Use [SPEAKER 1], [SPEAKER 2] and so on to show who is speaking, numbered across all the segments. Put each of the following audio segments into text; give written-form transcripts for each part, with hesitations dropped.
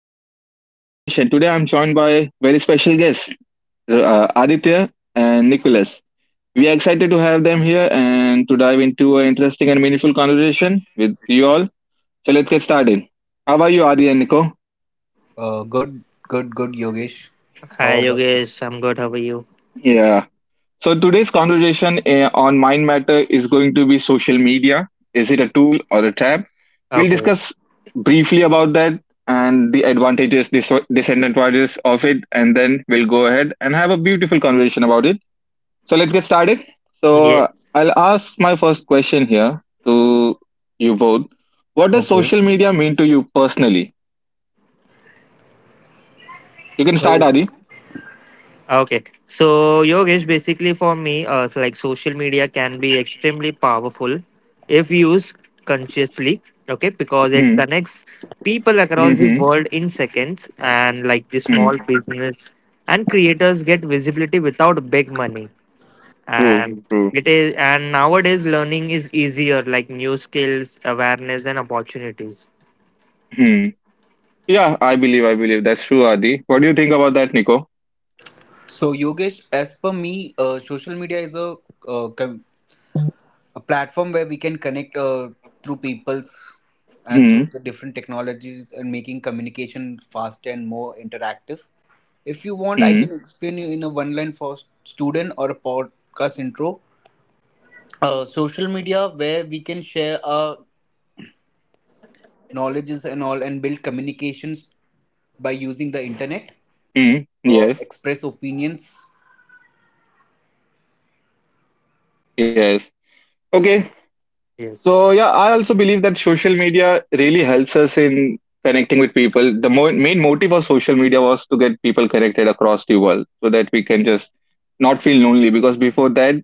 [SPEAKER 1] I'm your host, Yogesh, and today I'm joined by very special guests, Aditya and Nicholas. We are excited to have them here and to dive into an interesting and meaningful conversation with you all. So let's get started. How are you, Adi and Nico?
[SPEAKER 2] Good, good, good, Yogesh. How
[SPEAKER 3] Hi
[SPEAKER 2] about
[SPEAKER 3] Yogesh, I'm good. How are you?
[SPEAKER 1] Yeah, so today's conversation on Mind Matter is going to be social media. Is it a tool or a trap? We'll
[SPEAKER 3] Okay.
[SPEAKER 1] discuss briefly about that and the advantages, disadvantages of it, and then we'll go ahead and have a beautiful conversation about it. So let's get started. So
[SPEAKER 3] Yes.
[SPEAKER 1] I'll ask my first question here to you both. What
[SPEAKER 2] you?
[SPEAKER 1] does
[SPEAKER 2] Okay.
[SPEAKER 1] social media mean to you personally? You can start,
[SPEAKER 2] So,
[SPEAKER 1] Adi.
[SPEAKER 3] Okay. So Yogesh, basically for me, like social media can be extremely powerful if used consciously. Okay, because it
[SPEAKER 1] Hmm,
[SPEAKER 3] connects people
[SPEAKER 1] hmm,
[SPEAKER 3] across the
[SPEAKER 1] hmm,
[SPEAKER 3] world in seconds, and like the
[SPEAKER 1] hmm.
[SPEAKER 3] small business and creators get visibility without big money.
[SPEAKER 1] True,
[SPEAKER 3] And
[SPEAKER 1] true.
[SPEAKER 3] it is, and nowadays learning is easier, like new skills, awareness, and opportunities.
[SPEAKER 1] Yeah, I believe that's true, Adi. What do you think about that, Nico?
[SPEAKER 2] so Yogesh, as per me, social media is uh, com- a platform where we can connect through people's and
[SPEAKER 1] Hmm.
[SPEAKER 2] through the different technologies and making communication faster and more interactive. If you want, I
[SPEAKER 1] Hmm.
[SPEAKER 2] can explain you in a one line for student or a podcast intro. Social media where we can share our knowledges and all and build communications by using the internet
[SPEAKER 1] Hmm. Yes.
[SPEAKER 2] or express opinions.
[SPEAKER 1] Yes. Okay. So
[SPEAKER 3] Yes.
[SPEAKER 1] yeah, I also believe that social media really helps us in connecting with people. The main motive of social media was to get people connected across the world so that we can just not feel lonely because before that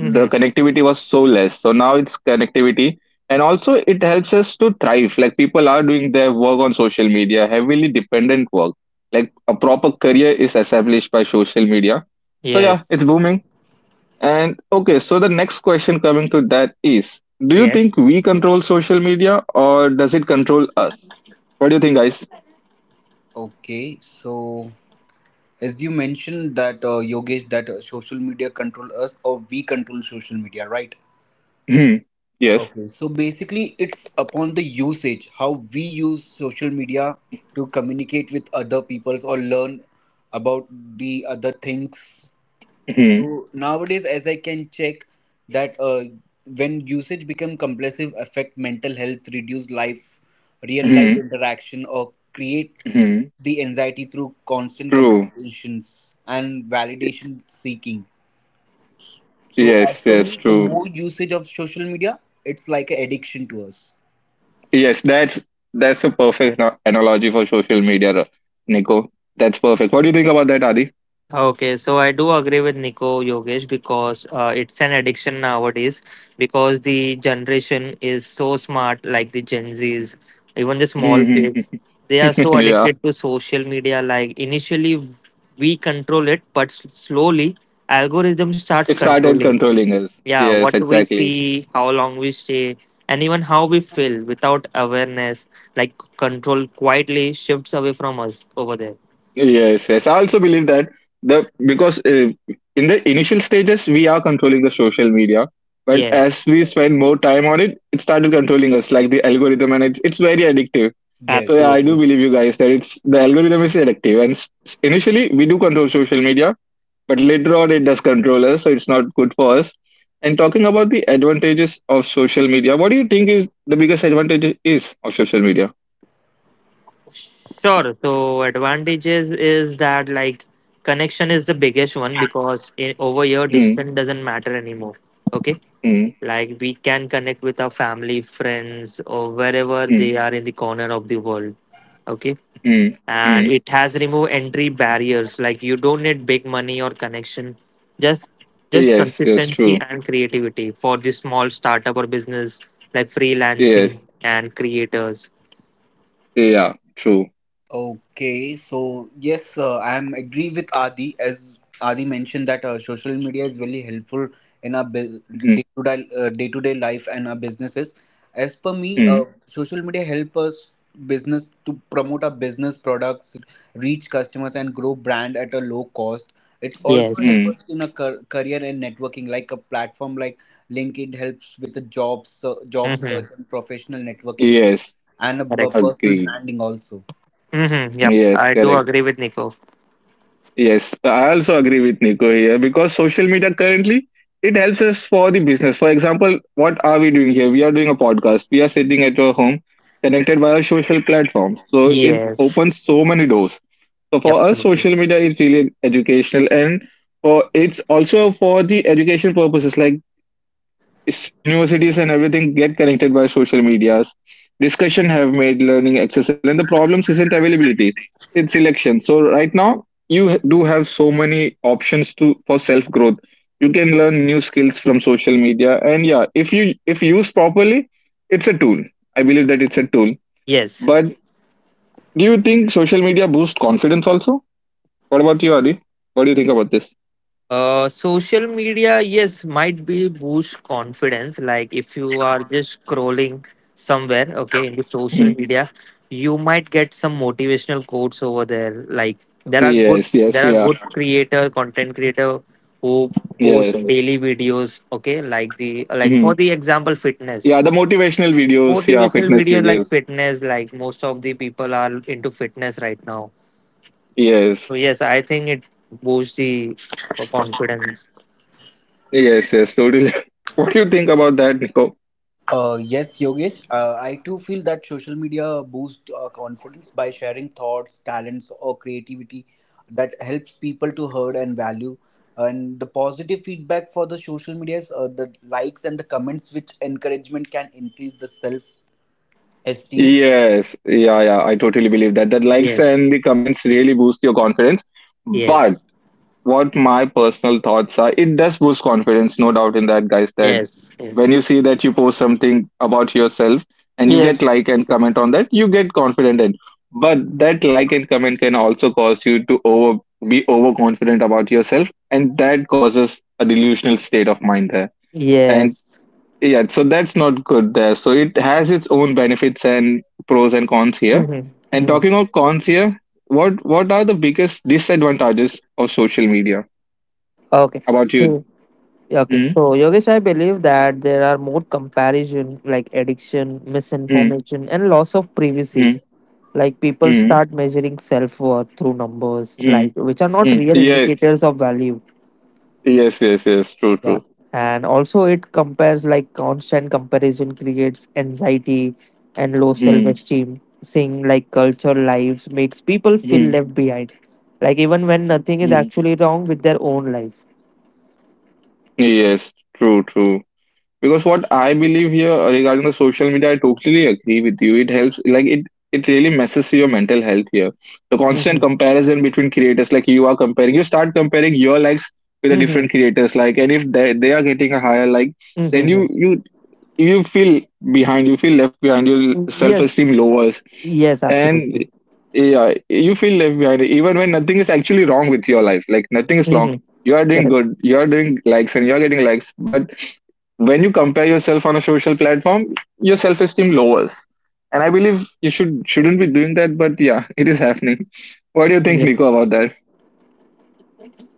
[SPEAKER 1] the connectivity was so less. So now it's connectivity and also it helps us to thrive. Like people are doing their work on social media, heavily dependent work. Like a proper career is established by social media. So yeah, it's
[SPEAKER 3] Yes.
[SPEAKER 1] booming. And okay, so the next question coming to that is, do you
[SPEAKER 3] Yes.
[SPEAKER 1] think we control social media or does it control us? What do you think, guys?
[SPEAKER 2] Okay, so as you mentioned that Yogesh, that social media control us or we control social media, right?
[SPEAKER 1] Hmm. Yes.
[SPEAKER 2] Okay, so basically it's upon the usage how we use social media to communicate with other peoples or learn about the other things.
[SPEAKER 1] Hmm.
[SPEAKER 2] So nowadays, as I can check, that when usage become compulsive, affect mental health, reduce life, real life
[SPEAKER 1] Hmm.
[SPEAKER 2] interaction, or create
[SPEAKER 1] Hmm.
[SPEAKER 2] the anxiety through constant
[SPEAKER 1] True.
[SPEAKER 2] comparisons and validation seeking. So,
[SPEAKER 1] Yes,
[SPEAKER 2] as for
[SPEAKER 1] yes,
[SPEAKER 2] me, the
[SPEAKER 1] true.
[SPEAKER 2] more usage of social media, it's like an addiction to us.
[SPEAKER 1] Yes, that's a perfect analogy for social media, Nico. That's perfect. What do you think about that, Adi?
[SPEAKER 3] Okay, so I do agree with Nico Yogesh because it's an addiction nowadays because the generation is so smart, like the Gen Zs, even the
[SPEAKER 1] Hmm,
[SPEAKER 3] small
[SPEAKER 1] hmm,
[SPEAKER 3] kids, they are
[SPEAKER 1] hmm.
[SPEAKER 3] so
[SPEAKER 1] Yeah,
[SPEAKER 3] addicted to social media. Like initially, we control it, but slowly, algorithm starts
[SPEAKER 1] it started
[SPEAKER 3] controlling.
[SPEAKER 1] controlling us.
[SPEAKER 3] Yeah,
[SPEAKER 1] Yes,
[SPEAKER 3] what we
[SPEAKER 1] exactly.
[SPEAKER 3] see, how long we stay, and even how we feel without awareness, like control quietly shifts away from us over there.
[SPEAKER 1] Yes, yes. I also believe that the because in the initial stages we are controlling the social media, but
[SPEAKER 3] Yes.
[SPEAKER 1] as we spend more time on it, it started controlling us like the algorithm, and it's very addictive. So yeah,
[SPEAKER 2] Yes.
[SPEAKER 1] I do
[SPEAKER 3] Absolutely.
[SPEAKER 1] believe you guys that it's the algorithm is addictive, and initially we do control social media, but later on it does control us, so it's not good for us. And talking about the advantages of social media, what do you think is the biggest advantage is of social media?
[SPEAKER 3] Sure. So advantages is that like connection is the biggest one because in, over here
[SPEAKER 1] Mm,
[SPEAKER 3] distance doesn't matter anymore. Okay.
[SPEAKER 1] mm,
[SPEAKER 3] Like we can connect with our family, friends, or wherever
[SPEAKER 1] mm,
[SPEAKER 3] they are in the corner of the world. Okay.
[SPEAKER 1] mm,
[SPEAKER 3] And
[SPEAKER 1] mm.
[SPEAKER 3] it has removed entry barriers. Like you don't need big money or connection. Just just
[SPEAKER 1] Yes, yes,
[SPEAKER 3] consistency
[SPEAKER 1] true.
[SPEAKER 3] and creativity for the small startup or business like
[SPEAKER 1] Yes.
[SPEAKER 3] freelancing and creators.
[SPEAKER 1] Yeah. True.
[SPEAKER 2] Okay, so yes, I am agree with Adi. As Adi mentioned that social media is really helpful in our
[SPEAKER 1] Mhm,
[SPEAKER 2] day to day life and our businesses. As per me,
[SPEAKER 1] mhm,
[SPEAKER 2] social media help us business to promote our business products, reach customers, and grow brand at a low cost. It also
[SPEAKER 3] Yes.
[SPEAKER 2] help
[SPEAKER 1] mhm.
[SPEAKER 2] us in a career and networking, like a platform like LinkedIn helps with the jobs, job search
[SPEAKER 3] Mhm.
[SPEAKER 2] and professional networking,
[SPEAKER 1] Yes.
[SPEAKER 2] and
[SPEAKER 3] Correct.
[SPEAKER 2] personal
[SPEAKER 1] Agreed.
[SPEAKER 2] branding also.
[SPEAKER 3] Mhm. Yep.
[SPEAKER 1] Yes.
[SPEAKER 3] I do
[SPEAKER 1] Correct.
[SPEAKER 3] agree with Nico.
[SPEAKER 1] Yes. I also agree with Nico here because social media currently it helps us for the business. For example, what are we doing here? We are doing a podcast. We are sitting at our home, connected by our social platforms. So it
[SPEAKER 3] Yes.
[SPEAKER 1] opens so many doors. So
[SPEAKER 3] Yep,
[SPEAKER 1] for us,
[SPEAKER 3] absolutely.
[SPEAKER 1] social media is really educational and for it's also for the education purposes. Like universities and everything get connected by social medias discussion have made learning accessible and the problems isn't availability, it's selection. So right now you do have so many options to for self growth. You can learn new skills from social media, and yeah, if you, if used properly, it's a tool. I believe that it's a tool,
[SPEAKER 3] Yes.
[SPEAKER 1] but do you think social media boosts confidence also? What about you, Adi? What do you think about this?
[SPEAKER 3] Social media, yes, might be boost confidence. Like if you are just scrolling somewhere, okay, in the social
[SPEAKER 1] Mhm.
[SPEAKER 3] media, you might get some motivational quotes over there. Like there are good,
[SPEAKER 1] Yes, yes,
[SPEAKER 3] there are
[SPEAKER 1] yeah.
[SPEAKER 3] good creator, content creator who post
[SPEAKER 1] Yes.
[SPEAKER 3] daily videos. Okay, like the like
[SPEAKER 1] Hmm.
[SPEAKER 3] for the example, fitness.
[SPEAKER 1] Yeah, the motivational videos, yeah,
[SPEAKER 3] Motivational
[SPEAKER 1] fitness
[SPEAKER 3] videos like
[SPEAKER 1] videos.
[SPEAKER 3] fitness, like most of the people are into fitness right now. So
[SPEAKER 1] Yes.
[SPEAKER 3] yes, I think it boosts the confidence.
[SPEAKER 1] Yes, yes, totally. What do you think about that, Nico?
[SPEAKER 2] Yes, Yogesh. I too feel that social media boosts confidence by sharing thoughts, talents, or creativity that helps people to heard and value. And the positive feedback for the social medias, the likes and the comments, which encouragement can increase the self esteem.
[SPEAKER 1] Yes. Yeah, yeah, I totally believe that. That likes
[SPEAKER 3] Yes,
[SPEAKER 1] and the comments really boost your confidence. But
[SPEAKER 3] yes,
[SPEAKER 1] what my personal thoughts are it does boost confidence, no doubt in that guys, that
[SPEAKER 3] yes,
[SPEAKER 1] when
[SPEAKER 3] yes.
[SPEAKER 1] you see that you post something about yourself and you get
[SPEAKER 3] Yes.
[SPEAKER 1] like and comment on that, you get confident in, but that like and comment can also cause you to over be overconfident about yourself, and that causes a delusional state of mind there. And
[SPEAKER 3] Yes.
[SPEAKER 1] yeah, so that's not good there. So it has its own benefits and pros and cons here.
[SPEAKER 3] Mhm,
[SPEAKER 1] And
[SPEAKER 3] mhm.
[SPEAKER 1] talking about cons here, what are the biggest disadvantages of social media
[SPEAKER 3] Okay.
[SPEAKER 1] about you?
[SPEAKER 3] So okay.
[SPEAKER 1] Mm,
[SPEAKER 3] So Yogesh, I believe that there are more comparison like addiction,
[SPEAKER 1] mm,
[SPEAKER 3] misinformation, and loss of privacy.
[SPEAKER 1] mm,
[SPEAKER 3] Like people
[SPEAKER 1] mm,
[SPEAKER 3] start measuring self worth through numbers, like
[SPEAKER 1] mm,
[SPEAKER 3] which are not
[SPEAKER 1] mm.
[SPEAKER 3] real
[SPEAKER 1] Yes,
[SPEAKER 3] indicators of value.
[SPEAKER 1] yes, yes, yes. True,
[SPEAKER 3] Yeah.
[SPEAKER 1] true.
[SPEAKER 3] And also it compares, like constant comparison creates anxiety and low self
[SPEAKER 1] Mm,
[SPEAKER 3] esteem. Seeing like cultural lives makes people feel
[SPEAKER 1] mm,
[SPEAKER 3] left behind. Like even when nothing is
[SPEAKER 1] mm.
[SPEAKER 3] actually wrong with their own life.
[SPEAKER 1] Yes, true, true. Because what I believe here regarding the social media, I totally agree with you. It helps, like it really messes your mental health here. The constant
[SPEAKER 3] Mm-hmm.
[SPEAKER 1] comparison between creators, like you are comparing, you start comparing your likes with the different
[SPEAKER 3] Mm-hmm.
[SPEAKER 1] creators, like, and if they are getting a higher like, then
[SPEAKER 3] Mm-hmm.
[SPEAKER 1] you feel behind, you feel left behind, your
[SPEAKER 3] Mm-hmm.
[SPEAKER 1] self
[SPEAKER 3] Yes.
[SPEAKER 1] esteem
[SPEAKER 3] Uh,
[SPEAKER 1] lowers
[SPEAKER 3] yes,
[SPEAKER 1] and
[SPEAKER 3] absolutely.
[SPEAKER 1] yeah, you feel left behind even when nothing is actually wrong with your life. Like nothing is wrong.
[SPEAKER 3] Mm-hmm.
[SPEAKER 1] You are doing
[SPEAKER 3] Correct.
[SPEAKER 1] good. You are doing likes and you are getting likes. But when you compare yourself on a social platform, your self esteem lowers. And I believe you shouldn't be doing that. But yeah, it is happening. What do you think,
[SPEAKER 3] Yep.
[SPEAKER 1] Nico, about that?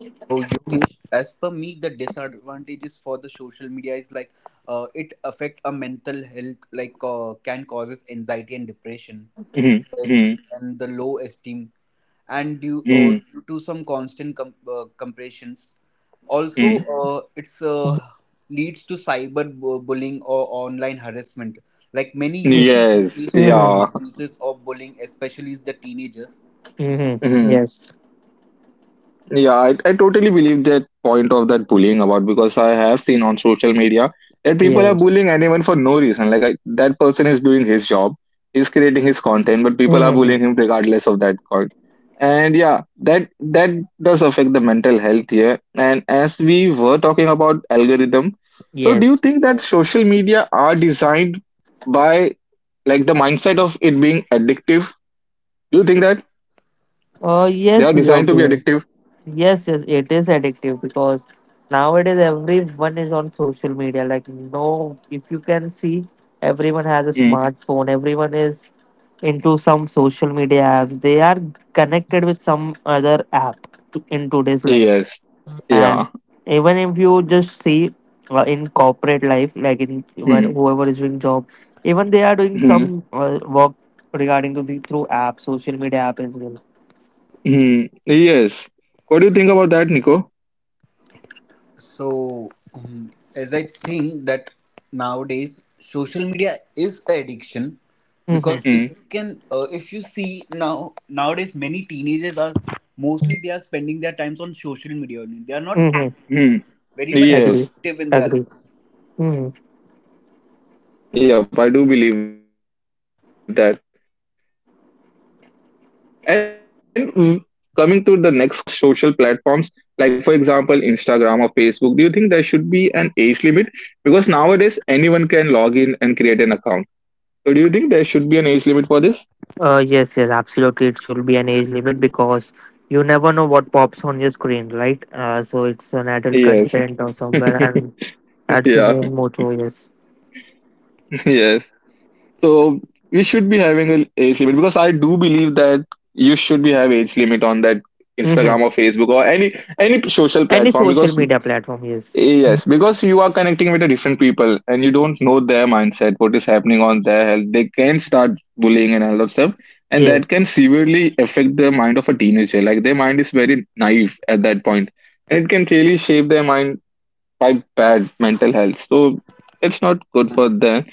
[SPEAKER 2] So, Yogesh, as per me, the disadvantages for the social media is like it affect a mental health, like can causes anxiety and depression, stress,
[SPEAKER 1] Mm-hmm.
[SPEAKER 2] and the low esteem and
[SPEAKER 1] Mm-hmm.
[SPEAKER 2] due to some constant compressions. Also
[SPEAKER 1] Mm-hmm.
[SPEAKER 2] it's leads to cyber bullying or online harassment, like many
[SPEAKER 3] Mm-hmm.
[SPEAKER 2] users who
[SPEAKER 1] Yes.
[SPEAKER 2] face trolling
[SPEAKER 3] Mm-hmm.
[SPEAKER 1] Yeah.
[SPEAKER 2] abuses or bullying, especially the teenagers.
[SPEAKER 3] Mm-hmm.
[SPEAKER 1] Mm-hmm.
[SPEAKER 3] Yes.
[SPEAKER 1] Yeah, I totally believe that point of that bullying about because I have seen on social media that people are
[SPEAKER 3] Yes.
[SPEAKER 1] bullying anyone for no reason. Like I, that person is doing his job, he's creating his content, but people are
[SPEAKER 3] Mm-hmm.
[SPEAKER 1] bullying him regardless of that content. And yeah, that does affect the mental health here. And as we were talking about algorithm, so do you
[SPEAKER 3] Yes.
[SPEAKER 1] think that social media are designed by like the mindset of it being addictive? Do you think that
[SPEAKER 3] Oh
[SPEAKER 1] they are
[SPEAKER 3] yes,
[SPEAKER 1] designed to
[SPEAKER 3] Yogi.
[SPEAKER 1] be addictive?
[SPEAKER 3] Yes, yes, it is addictive because nowadays everyone is on social media. Like, no, if you can see, everyone has a
[SPEAKER 1] Mm.
[SPEAKER 3] smartphone, everyone is into some social media apps, they are connected with some other app to, in today's life.
[SPEAKER 1] Yes.
[SPEAKER 3] And
[SPEAKER 1] Yeah.
[SPEAKER 3] even if you just see in corporate life, like in when
[SPEAKER 1] Hmm.
[SPEAKER 3] whoever is doing job, even they are doing
[SPEAKER 1] Hmm.
[SPEAKER 3] some work regarding to the through app, social media app as well.
[SPEAKER 1] Hmm. Yes. What do you think about that, Nico?
[SPEAKER 2] So as I think that nowadays social media is an addiction,
[SPEAKER 3] Mm-hmm.
[SPEAKER 2] because if you
[SPEAKER 1] Hmm.
[SPEAKER 2] can if you see now, nowadays many teenagers are mostly they are spending their times on social media only. They are not
[SPEAKER 3] Mm-hmm.
[SPEAKER 1] Hmm.
[SPEAKER 2] very much
[SPEAKER 3] Agree.
[SPEAKER 1] Yes.
[SPEAKER 2] productive in their
[SPEAKER 3] Agree.
[SPEAKER 2] lives.
[SPEAKER 3] Hmm.
[SPEAKER 1] Yep. I do believe that. And coming to the next question from teenagers, like, do you believe that there should be an age limit for such social platforms? Like, for example, Instagram or Facebook. Do you think there should be an age limit? Because nowadays anyone can log in and create an account. So, do you think there should be an age limit for this?
[SPEAKER 3] Yes, yes, absolutely. It should be an age limit because you never know what pops on your screen, right? So it's an adult
[SPEAKER 1] Yes.
[SPEAKER 3] content or somewhere, and that's the
[SPEAKER 1] Yeah.
[SPEAKER 3] main motto. Yes.
[SPEAKER 1] Yes. So we should be having an age limit because I do believe that you should be have age limit on that
[SPEAKER 3] Mm-hmm.
[SPEAKER 1] Instagram or Facebook or any social
[SPEAKER 3] Any
[SPEAKER 1] platform
[SPEAKER 3] social
[SPEAKER 1] because
[SPEAKER 3] media platform. Yes.
[SPEAKER 1] yes, because you are connecting with the different people and you don't know their mindset, what is happening on their health. They can start bullying and all that stuff, and that
[SPEAKER 3] Yes.
[SPEAKER 1] can severely affect the mind of a teenager. Like their mind is very naive at that point, and it can really shape their mind by bad mental health. So it's not good for them.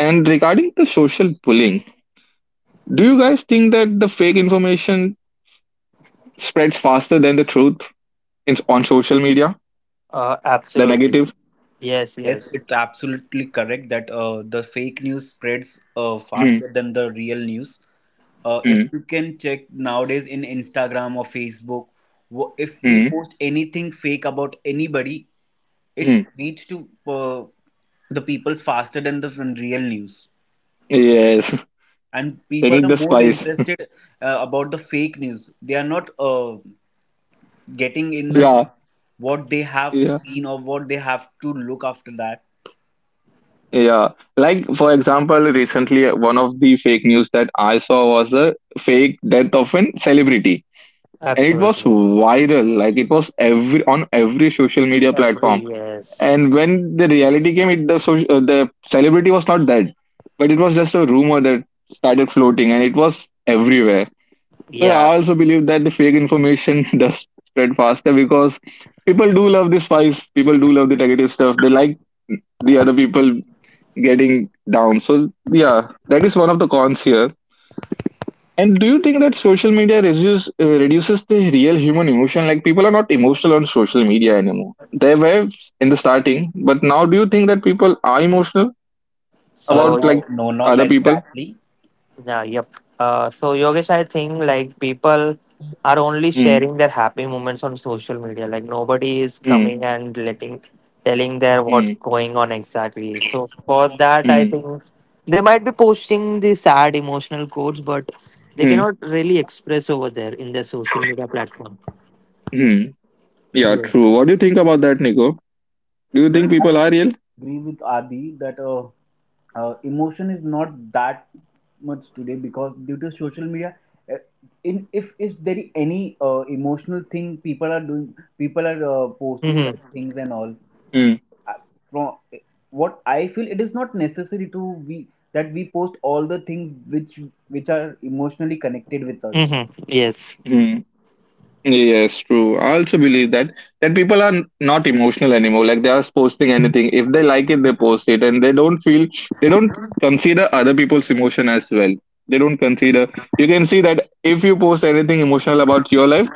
[SPEAKER 1] And regarding the social bullying, do you guys think that the fake information spreads faster than the truth on social media? The
[SPEAKER 3] Absolutely.
[SPEAKER 1] negative?
[SPEAKER 3] Yes.
[SPEAKER 2] Yes,
[SPEAKER 3] Yes.
[SPEAKER 2] it's absolutely correct that the fake news spreads
[SPEAKER 1] Mm,
[SPEAKER 2] faster than the real news. If
[SPEAKER 1] mm,
[SPEAKER 2] you can check nowadays in Instagram or Facebook, if we
[SPEAKER 1] mm,
[SPEAKER 2] post anything fake about anybody, it
[SPEAKER 1] mm.
[SPEAKER 2] reaches to the people faster than the from real news.
[SPEAKER 1] Yes,
[SPEAKER 2] And
[SPEAKER 1] they
[SPEAKER 2] people
[SPEAKER 1] need
[SPEAKER 2] are
[SPEAKER 1] the
[SPEAKER 2] more
[SPEAKER 1] spice.
[SPEAKER 2] interested about the fake news. They are not getting in the
[SPEAKER 1] Yeah,
[SPEAKER 2] what they have
[SPEAKER 1] yeah,
[SPEAKER 2] seen or what they have to look after that.
[SPEAKER 1] yeah. Like, for example, recently, one of the fake news that I saw was a fake death of an celebrity. And it was
[SPEAKER 3] Absolutely.
[SPEAKER 1] viral. Like, it was every on every social media platform.
[SPEAKER 3] Every yes.
[SPEAKER 1] And when the reality came, the celebrity was not dead, but it was just a rumor that started floating, and it was everywhere. So
[SPEAKER 3] Yeah.
[SPEAKER 1] I also believe that the fake information does spread faster because people do love the spice, people do love the negative stuff. They like the other people getting down. So yeah, that is one of the cons here. And do you think that social media reduces the real human emotion? Like people are not emotional on social media anymore. They were in the starting, but now do you think that people are emotional about
[SPEAKER 3] So
[SPEAKER 1] like
[SPEAKER 2] No, no, not
[SPEAKER 1] other people?
[SPEAKER 2] exactly.
[SPEAKER 3] yeah, yep. So Yogesh, I think like people are only
[SPEAKER 1] Mm,
[SPEAKER 3] sharing their happy moments on social media. Like nobody is
[SPEAKER 1] mm,
[SPEAKER 3] coming and letting telling their what's
[SPEAKER 1] mm,
[SPEAKER 3] going on exactly. So for that, I
[SPEAKER 1] mm,
[SPEAKER 3] think they might be posting the sad emotional quotes, but they
[SPEAKER 1] mm,
[SPEAKER 3] cannot really express over there in their social media platform.
[SPEAKER 1] mm. Yeah,
[SPEAKER 3] Yes.
[SPEAKER 1] true. What do you think about that, Nico? Do you think
[SPEAKER 2] No, I
[SPEAKER 1] people are real?
[SPEAKER 2] agree with Adi that emotion is not that much today because due to social media, uh, in if is there any emotional thing people are doing, people are posting
[SPEAKER 3] Mm-hmm.
[SPEAKER 2] that things and all.
[SPEAKER 1] Mm,
[SPEAKER 2] Uh, From what I feel, it is not necessary to we post all the things which are emotionally connected with us.
[SPEAKER 3] Mm-hmm. Yes.
[SPEAKER 1] mm. Yes, true. I also believe that that people are not emotional anymore. Like they are posting anything. If they like it, they post it, and they don't consider other people's emotion as well. They don't consider. You can see that if you post anything emotional about your life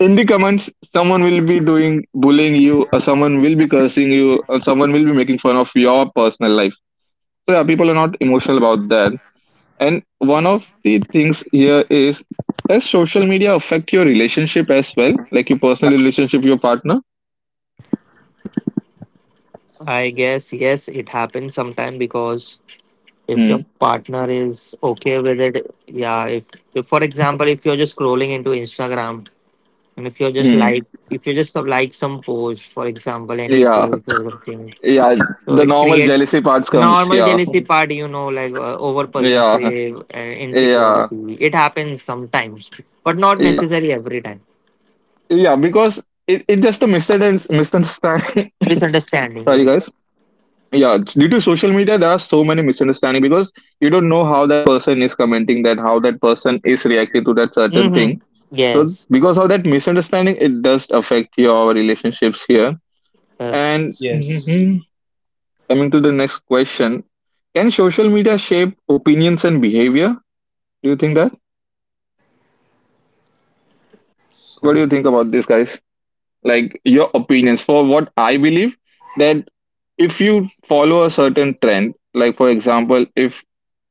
[SPEAKER 1] in the comments, someone will be doing bullying you, or someone will be cursing you, or someone will be making fun of your personal life. So yeah, people are not emotional about that. And one of the things here is, does social media affect your relationship as well? Like your personal relationship, your partner?
[SPEAKER 3] I guess yes, it happens sometime because if your
[SPEAKER 1] Mm.
[SPEAKER 3] partner is okay with it, yeah, if for example if you're just scrolling into Instagram and if you're just
[SPEAKER 1] Mm.
[SPEAKER 3] like, if you just like some post, for example any
[SPEAKER 1] Yeah.
[SPEAKER 3] post or something,
[SPEAKER 1] Yeah.
[SPEAKER 3] so
[SPEAKER 1] The
[SPEAKER 3] it
[SPEAKER 1] normal
[SPEAKER 3] creates
[SPEAKER 1] jealousy parts comes.
[SPEAKER 3] normal
[SPEAKER 1] Yeah.
[SPEAKER 3] jealousy part, you know, like over
[SPEAKER 1] Yeah.
[SPEAKER 3] possessive,
[SPEAKER 1] Yeah.
[SPEAKER 3] insecurity, it happens sometimes, but not
[SPEAKER 1] Yeah.
[SPEAKER 3] necessarily every time.
[SPEAKER 1] Yeah. Because it just a misunderstanding. Misunderstanding. Sorry,
[SPEAKER 3] Misunderstanding,
[SPEAKER 1] guys.
[SPEAKER 3] yes.
[SPEAKER 1] Yeah, due to social media there are so many misunderstanding because you don't know how that person is commenting, that how that person is reacting to that certain
[SPEAKER 3] Mm-hmm.
[SPEAKER 1] thing. So
[SPEAKER 3] Yes.
[SPEAKER 1] because of that misunderstanding it does affect your relationships here. and
[SPEAKER 3] Yes.
[SPEAKER 2] Yes.
[SPEAKER 1] mhm, Coming to the next question, can social media shape opinions and behavior? Do you think that, what do
[SPEAKER 2] So
[SPEAKER 1] you think about this, guys? Like your opinions. For what I believe, that if you follow a certain trend, like for example if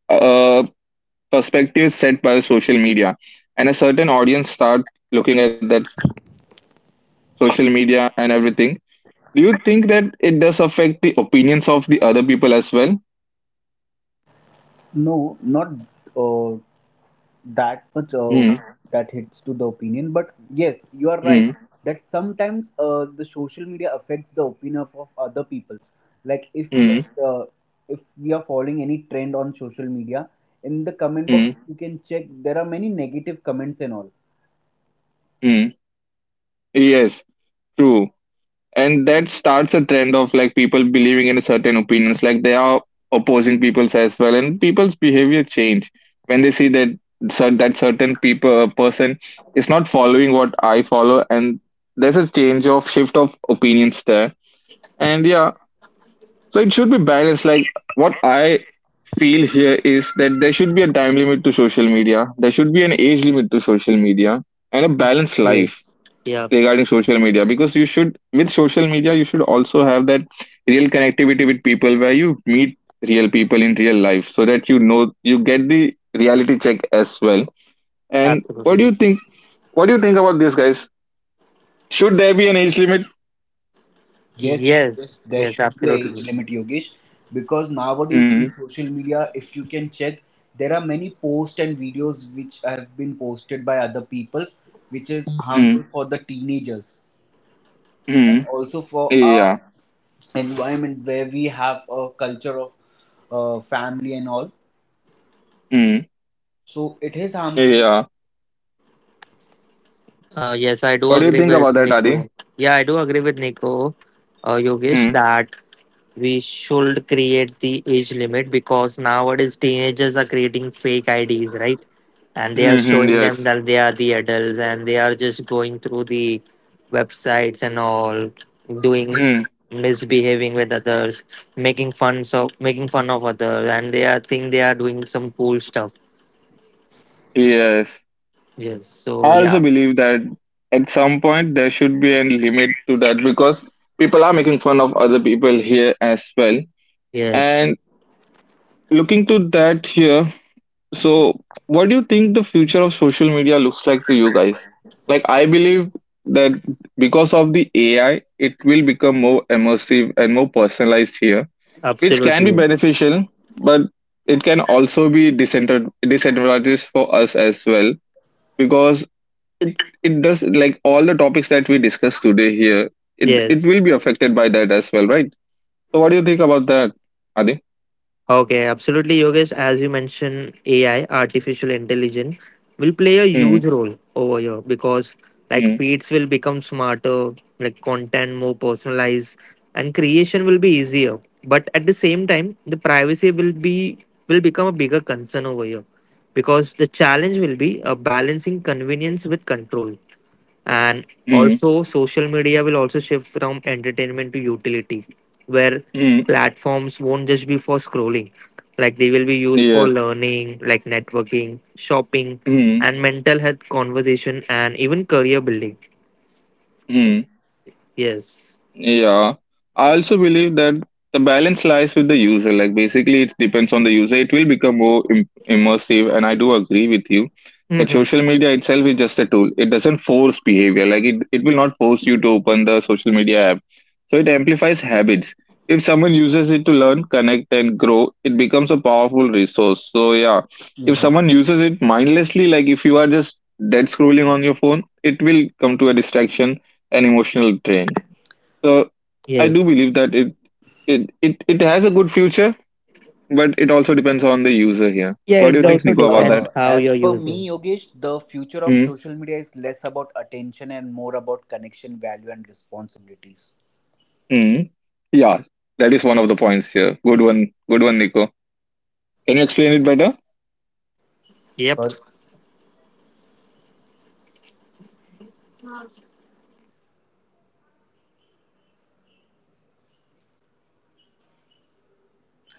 [SPEAKER 1] a perspectives set by social media and a certain audience start looking at that social media and everything, do you think that it does affect the opinions of the other people as well?
[SPEAKER 2] no, not uh, that much
[SPEAKER 1] Hmm.
[SPEAKER 2] that hits to the opinion, but yes, you are
[SPEAKER 1] Hmm.
[SPEAKER 2] right that sometimes the social media affects the opinion of other people's, like
[SPEAKER 1] Hmm.
[SPEAKER 2] if we are following any trend on social media, in the comment box
[SPEAKER 1] Hmm.
[SPEAKER 2] you can check, there are many negative comments and all.
[SPEAKER 1] Hmm. Yes, true. And that starts a trend of like people believing in certain opinions, like they are opposing people's as well, and people's behavior change when they see that that certain people person is not following what I follow, and there's a change of shift of opinions there. And yeah, so it should be balanced. Like what I feel here is that there should be a time limit to social media, there should be an age limit to social media and a balanced life
[SPEAKER 3] Yes. Yeah.
[SPEAKER 1] regarding social media, because you should, with social media you should also have that real connectivity with people where you meet real people in real life, so that you know you get the reality check as well. And what do
[SPEAKER 3] Absolutely.
[SPEAKER 1] you think, what do you think about this, guys? Should there be an age limit?
[SPEAKER 2] Yes, yes,
[SPEAKER 3] Yes.
[SPEAKER 2] there
[SPEAKER 3] Yes.
[SPEAKER 2] should be a age
[SPEAKER 3] Absolutely.
[SPEAKER 2] limit, Yogesh, because nowadays
[SPEAKER 1] mm,
[SPEAKER 2] in social media, if you can check, there are many posts and videos which have been posted by other peoples, which is
[SPEAKER 1] mm,
[SPEAKER 2] harmful for the teenagers and
[SPEAKER 1] mm,
[SPEAKER 2] also for our
[SPEAKER 1] yeah.
[SPEAKER 2] environment where we have a culture of family and all.
[SPEAKER 1] mm,
[SPEAKER 2] So it is harmful.
[SPEAKER 1] yeah.
[SPEAKER 3] Yes, I do
[SPEAKER 1] What do you
[SPEAKER 3] agree
[SPEAKER 1] think
[SPEAKER 3] with
[SPEAKER 1] about that, Adi?
[SPEAKER 3] Nico. Yeah, I do agree with Nico, Yogesh,
[SPEAKER 1] mm,
[SPEAKER 3] that we should create the age limit because nowadays teenagers are creating fake IDs, right? And they are
[SPEAKER 1] mm-hmm,
[SPEAKER 3] showing them
[SPEAKER 1] yes.
[SPEAKER 3] that they are the adults and they are just going through the websites and all, doing
[SPEAKER 1] mm,
[SPEAKER 3] misbehaving with others, making fun of others, and they are think they are doing some cool stuff.
[SPEAKER 1] yes,
[SPEAKER 3] Yes. So
[SPEAKER 1] I also
[SPEAKER 3] yeah.
[SPEAKER 1] believe that at some point there should be a limit to that because people are making fun of other people here as well.
[SPEAKER 3] Yes.
[SPEAKER 1] And looking to that here, so what do you think the future of social media looks like to you, guys? Like, I believe that because of the AI, it will become more immersive and more personalized here, which can be
[SPEAKER 3] Absolutely.
[SPEAKER 1] beneficial, but it can also be disadvantageous for us as well because it, it does, like all the topics that we discussed today here, it
[SPEAKER 3] Yes.
[SPEAKER 1] will be affected by that as well, right? So what do you think about that, Adi?
[SPEAKER 3] Okay, absolutely, Yogesh. As you mentioned, AI, artificial intelligence, will play a
[SPEAKER 1] Mm,
[SPEAKER 3] huge role over here because like
[SPEAKER 1] mm,
[SPEAKER 3] feeds will become smarter, like content more personalized, and creation will be easier. But at the same time, the privacy will be will become a bigger concern over here because the challenge will be balancing convenience with control. And
[SPEAKER 1] mm,
[SPEAKER 3] also social media will also shift from entertainment to utility, where
[SPEAKER 1] mm,
[SPEAKER 3] platforms won't just be for scrolling, like they will be used for
[SPEAKER 1] yes.
[SPEAKER 3] learning, like networking, shopping,
[SPEAKER 1] mm,
[SPEAKER 3] and mental health conversation, and even career building.
[SPEAKER 1] mm.
[SPEAKER 3] Yes.
[SPEAKER 1] Yeah, I also believe that the balance lies with the user. Like basically, it depends on the user. It will become more immersive, and I do agree with you that
[SPEAKER 3] Hmm.
[SPEAKER 1] social media itself is just a tool. It doesn't force behavior. Like it will not force you to open the social media app. So it amplifies habits. If someone uses it to learn, connect, and grow, it becomes a powerful resource. So yeah, if
[SPEAKER 2] Mhm.
[SPEAKER 1] someone uses it mindlessly, like if you are just dead scrolling
[SPEAKER 2] Okay.
[SPEAKER 1] on your phone, it will come to a distraction and emotional drain. So, I do
[SPEAKER 3] Yes.
[SPEAKER 1] believe that it has a good future, but it also depends on the user here.
[SPEAKER 3] Yeah,
[SPEAKER 1] What do you
[SPEAKER 3] it
[SPEAKER 1] think,
[SPEAKER 2] But
[SPEAKER 3] also
[SPEAKER 1] Nico, about that?
[SPEAKER 3] depends how
[SPEAKER 2] as
[SPEAKER 3] you're
[SPEAKER 2] per me,
[SPEAKER 3] using.
[SPEAKER 2] Yogesh, the future of social media is less about attention and more about connection, value, and responsibilities.
[SPEAKER 1] Mm-hmm. Yeah, that is one of the points here. Good one, Nico. Can you explain it better?
[SPEAKER 3] Yep.
[SPEAKER 2] Sorry.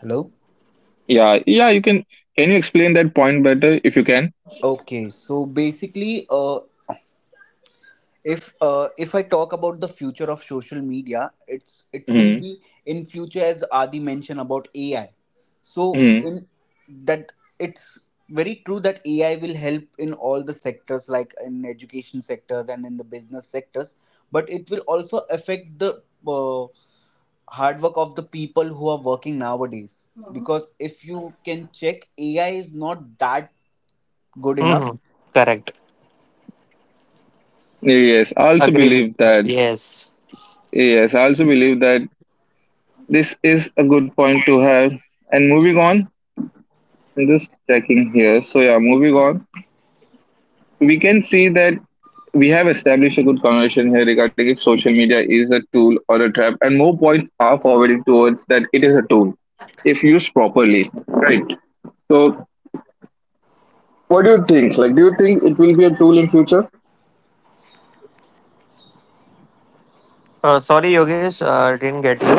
[SPEAKER 2] Hello?
[SPEAKER 1] Yeah, yeah, you can. Can you explain that point better if you can?
[SPEAKER 2] Okay, so basically, if I talk about the future of social media, it will
[SPEAKER 1] Mm-hmm.
[SPEAKER 2] be in future, as Adi mentioned about AI. So in that, it's very true that AI will help in all the sectors, like in education sectors and in the business sectors, but it will also affect the uh, hard work of the people who are working nowadays, because if you can check, AI is not that good enough.
[SPEAKER 3] Hmm. Correct.
[SPEAKER 1] Yes, I also
[SPEAKER 3] Agree with
[SPEAKER 1] believe
[SPEAKER 3] you,
[SPEAKER 1] that.
[SPEAKER 3] yes.
[SPEAKER 1] Yes, I also believe that this is a good point to have. And moving on, I'm just checking here. So yeah, moving on, we can see that we have established a good conversation here regarding if social media is a tool or a trap, and more points are forwarded towards that it is a tool if used properly, right? So, what do you think? Like, do you think it will be a tool in future?
[SPEAKER 3] Sorry Yogesh, didn't get you.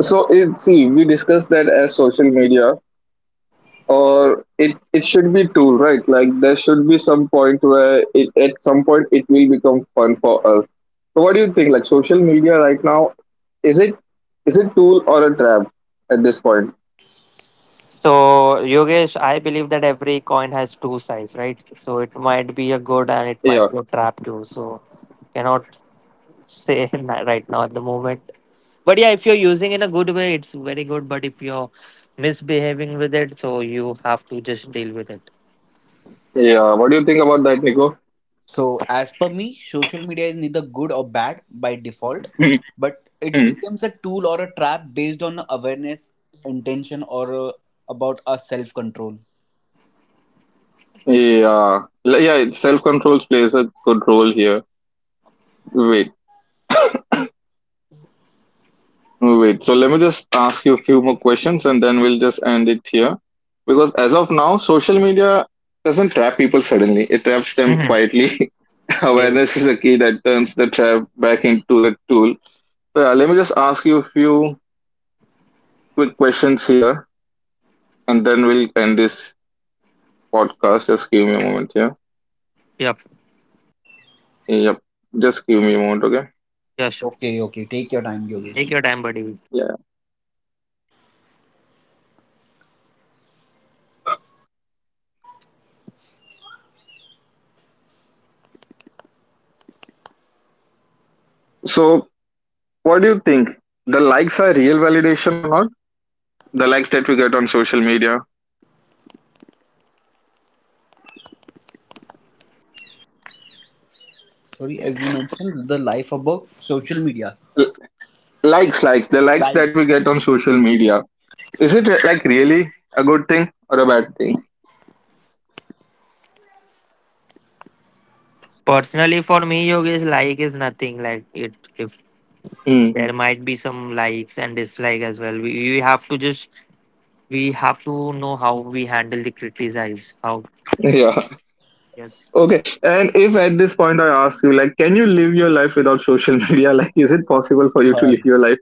[SPEAKER 1] So, see, we discussed that as social media, or it should be tool, right? Like, there should be some point where it at some point it will become fun for us. So, what do you think? Like, social media right now, is it is it tool or a trap at this point?
[SPEAKER 3] So, Yogesh, I believe that every coin has two sides, right? So it might be a good
[SPEAKER 1] Yeah.
[SPEAKER 3] and it might be a trap too. So cannot say right now at the moment. But yeah, if you're using in a good way, it's very good. But if you're misbehaving with it, so you have to just deal with it.
[SPEAKER 1] Yeah, what do you think about that, Nico?
[SPEAKER 2] So, as per me, social media is neither good or bad by default, but it becomes a tool or a trap based on awareness, intention, or about our self control.
[SPEAKER 1] Yeah, yeah, self control plays a good role here. Wait, wait. So let me just ask you a few more questions and then we'll just end it here. Because as of now, social media doesn't trap people suddenly, it traps them
[SPEAKER 3] Mhm.
[SPEAKER 1] quietly.
[SPEAKER 3] Yes.
[SPEAKER 1] Awareness is a key that turns the trap back into the tool. So yeah, let me just ask you a few quick questions here and then we'll end this podcast. Just give me a moment here.
[SPEAKER 3] Yep.
[SPEAKER 1] Yep, just give me a moment, okay?
[SPEAKER 3] Yeah, sure.
[SPEAKER 2] Okay, okay, take your time,
[SPEAKER 3] Take
[SPEAKER 2] Yogesh.
[SPEAKER 3] your time, buddy.
[SPEAKER 1] Yeah. So, what do you think? The likes are real validation or not? The likes that we get on social media,
[SPEAKER 2] Sorry, as you mentioned, the life above social media.
[SPEAKER 1] L- likes, the likes
[SPEAKER 2] Like,
[SPEAKER 1] that we get on social media. Is it like really a good thing or a bad thing?
[SPEAKER 3] Personally, for me, Yogesh, like is nothing. Like it, if
[SPEAKER 1] Mm.
[SPEAKER 3] there might be some likes and dislike as well. You have to just, we have to know how we handle the criticize. How?
[SPEAKER 1] Yeah.
[SPEAKER 3] Yes,
[SPEAKER 1] Okay. And if at this point I ask you, like, can you live your life without social media? Like, is it possible for you to
[SPEAKER 2] uh,
[SPEAKER 1] live your life?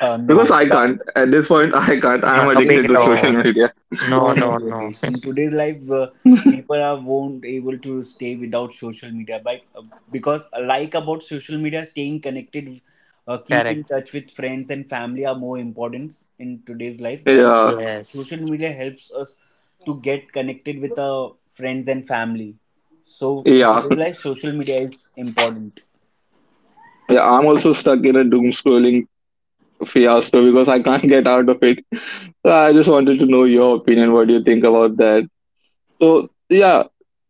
[SPEAKER 2] no,
[SPEAKER 1] Because I
[SPEAKER 2] but
[SPEAKER 1] can't. At this point, I can't. I'm
[SPEAKER 2] in
[SPEAKER 3] a
[SPEAKER 1] addicted
[SPEAKER 2] today's
[SPEAKER 3] big
[SPEAKER 1] to
[SPEAKER 2] life,
[SPEAKER 1] social
[SPEAKER 3] no,
[SPEAKER 1] media.
[SPEAKER 3] no,
[SPEAKER 2] no, no,
[SPEAKER 3] no, no.
[SPEAKER 2] Yogesh. In today's life, people are won't able to stay without social media, but because like about social media, staying connected, keep in
[SPEAKER 3] Correct.
[SPEAKER 2] touch with friends and family are more important in today's life. And
[SPEAKER 1] Yeah.
[SPEAKER 3] Yes.
[SPEAKER 2] social media helps us to get connected with our friends and family. So in
[SPEAKER 1] Yeah.
[SPEAKER 2] today's life, social media is important.
[SPEAKER 1] Yeah. I'm also stuck in a doom scrolling fiasco because I can't get out of it. So, I just wanted to know your opinion. What do you think about that? So, yeah,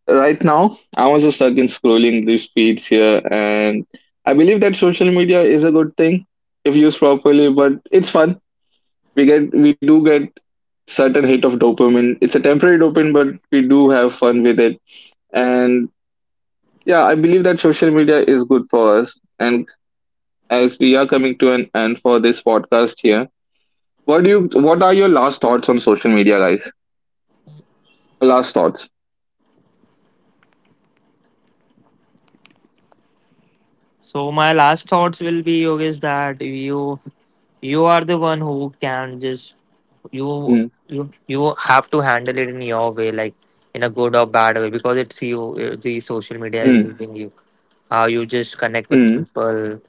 [SPEAKER 1] right now I am also stuck in scrolling these feeds here, and I believe that social media is a good thing if used properly. But it's fun. We do get certain hit of dopamine. It's a temporary dopamine, but we do have fun with it. And yeah, I believe that social media is good for us. And as we are coming to an end for this podcast here, what do you? What are your last thoughts on social media, guys? Last thoughts.
[SPEAKER 3] So my last thoughts will be Yogesh that you are the one who
[SPEAKER 1] Hmm.
[SPEAKER 3] can just, you you have to handle it in your way, like in a good or bad way, because it's you. The
[SPEAKER 1] Mm,
[SPEAKER 3] social media is using you. How you just
[SPEAKER 1] mm,
[SPEAKER 3] connect with people,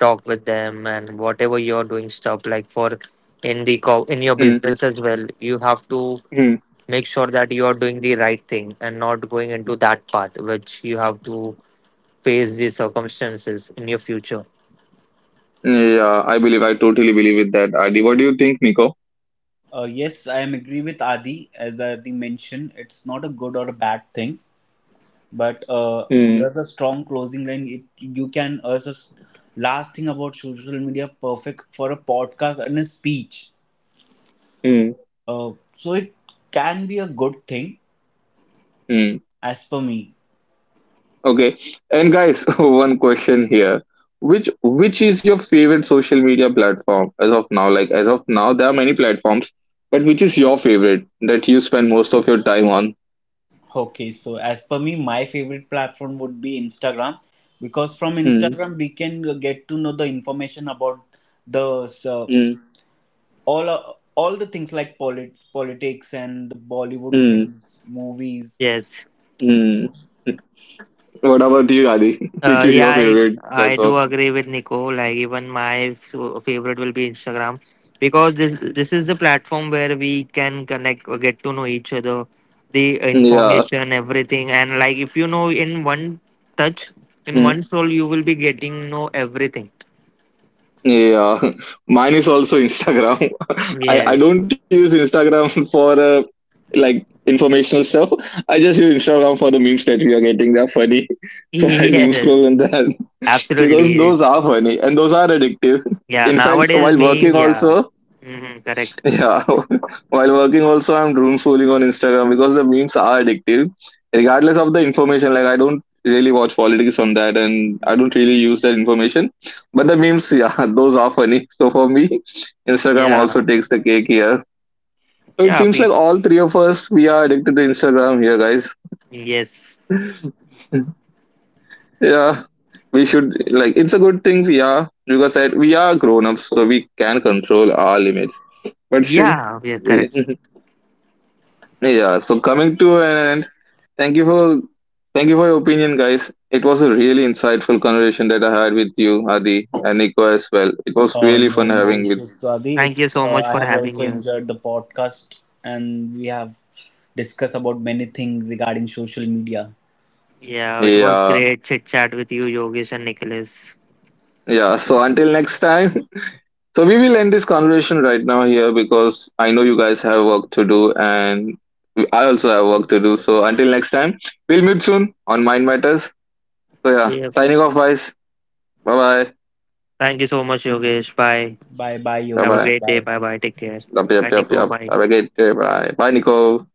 [SPEAKER 3] talk with them, and whatever you're doing stuff like for in the in your
[SPEAKER 1] mm,
[SPEAKER 3] business as well, you have to
[SPEAKER 1] mm.
[SPEAKER 3] make sure that you are doing the right thing and not going into that path which you have to face the circumstances in your future.
[SPEAKER 1] Yeah, I totally believe with that. Adi, what do you think, Nico?
[SPEAKER 2] Yes, I am agree with Adi. As Adi mentioned, it's not a good or a bad thing, but
[SPEAKER 1] Mm,
[SPEAKER 2] here's a strong closing line. It you can as a last thing about social media, perfect for a podcast and a speech.
[SPEAKER 1] mm,
[SPEAKER 2] So it can be a good thing,
[SPEAKER 1] mm.
[SPEAKER 2] as per me.
[SPEAKER 1] Okay. And guys, one question here. Which is your favorite social media platform as of now? Like as of now, there are many platforms, but which is your favorite that you spend most of your time on?
[SPEAKER 2] Okay, so as per me, my favorite platform would be Instagram, because from
[SPEAKER 1] Mm,
[SPEAKER 2] Instagram we can get to know the information about the uh,
[SPEAKER 1] mm,
[SPEAKER 2] all the things like politics and the Bollywood
[SPEAKER 1] mm,
[SPEAKER 2] things, movies.
[SPEAKER 3] Yes.
[SPEAKER 1] mm. What about you, Adi? Which is
[SPEAKER 3] Yeah,
[SPEAKER 1] your favorite
[SPEAKER 3] I
[SPEAKER 1] platform?
[SPEAKER 3] do agree with Nico. Like even my favorite will be Instagram because this is the platform where we can connect, or get to know each other, the
[SPEAKER 1] Yeah.
[SPEAKER 3] information, everything, and like if you know in one touch, in one
[SPEAKER 1] Hmm.
[SPEAKER 3] scroll, you will be getting know everything.
[SPEAKER 1] Yeah, mine is also Instagram. I
[SPEAKER 3] Yes.
[SPEAKER 1] don't use Instagram for like informational stuff. I just use Instagram for the memes that we are getting. They're funny. So I doom
[SPEAKER 3] Yes.
[SPEAKER 1] scroll on that because
[SPEAKER 3] Absolutely.
[SPEAKER 1] those are funny and those are addictive.
[SPEAKER 3] Yeah,
[SPEAKER 1] In fact,
[SPEAKER 3] nowadays
[SPEAKER 1] while
[SPEAKER 3] meme,
[SPEAKER 1] working
[SPEAKER 3] yeah.
[SPEAKER 1] also,
[SPEAKER 3] Hmm, correct.
[SPEAKER 1] yeah, while working also I'm doomscrolling on Instagram because the memes are addictive. Regardless of the information, like I don't really watch politics on that and I don't really use that information. But the memes, yeah, those are funny. So for me, Instagram also
[SPEAKER 3] Yeah.
[SPEAKER 1] takes the cake here. So it
[SPEAKER 3] Yeah,
[SPEAKER 1] seems like all three of us we are addicted to Instagram here, guys.
[SPEAKER 3] yes.
[SPEAKER 1] Yeah, we should, like it's a good thing we are, because that we are grown ups, so we can control our limits. But still,
[SPEAKER 3] Yeah, yeah,
[SPEAKER 1] we
[SPEAKER 3] correct.
[SPEAKER 1] Yeah, so coming to an end, thank you for thank you for your opinion, guys. It was a really insightful conversation that I had with you, Adi, and Nico as well. It was really fun
[SPEAKER 2] No, no
[SPEAKER 1] having with
[SPEAKER 2] issues, Sadi.
[SPEAKER 3] Thank you
[SPEAKER 2] It's
[SPEAKER 3] so much
[SPEAKER 2] I
[SPEAKER 3] for
[SPEAKER 2] have
[SPEAKER 3] having
[SPEAKER 2] also
[SPEAKER 3] you.
[SPEAKER 2] enjoyed the podcast, and we have discussed about many things regarding social media.
[SPEAKER 3] Yeah, it was
[SPEAKER 1] yeah.
[SPEAKER 3] great chit chat with you, Yogesh and Nicholas.
[SPEAKER 1] Yeah. So until next time. So we will end this conversation right now here because I know you guys have work to do and I also have work to do. So until next time, we'll meet soon on Mind Matters. So yeah,
[SPEAKER 3] Yeah.
[SPEAKER 1] signing off guys. Bye bye.
[SPEAKER 3] Thank you so much, Yogesh. Bye.
[SPEAKER 2] Bye, bye,
[SPEAKER 1] Bye
[SPEAKER 3] Have a
[SPEAKER 2] Yogesh.
[SPEAKER 1] bye.
[SPEAKER 3] great day.
[SPEAKER 2] Bye.
[SPEAKER 3] Bye bye. Take care.
[SPEAKER 1] Yup, yup,
[SPEAKER 3] Bye,
[SPEAKER 1] yup,
[SPEAKER 3] Nico.
[SPEAKER 1] yup.
[SPEAKER 3] Bye.
[SPEAKER 1] Have a great day. Bye. Bye, Nico.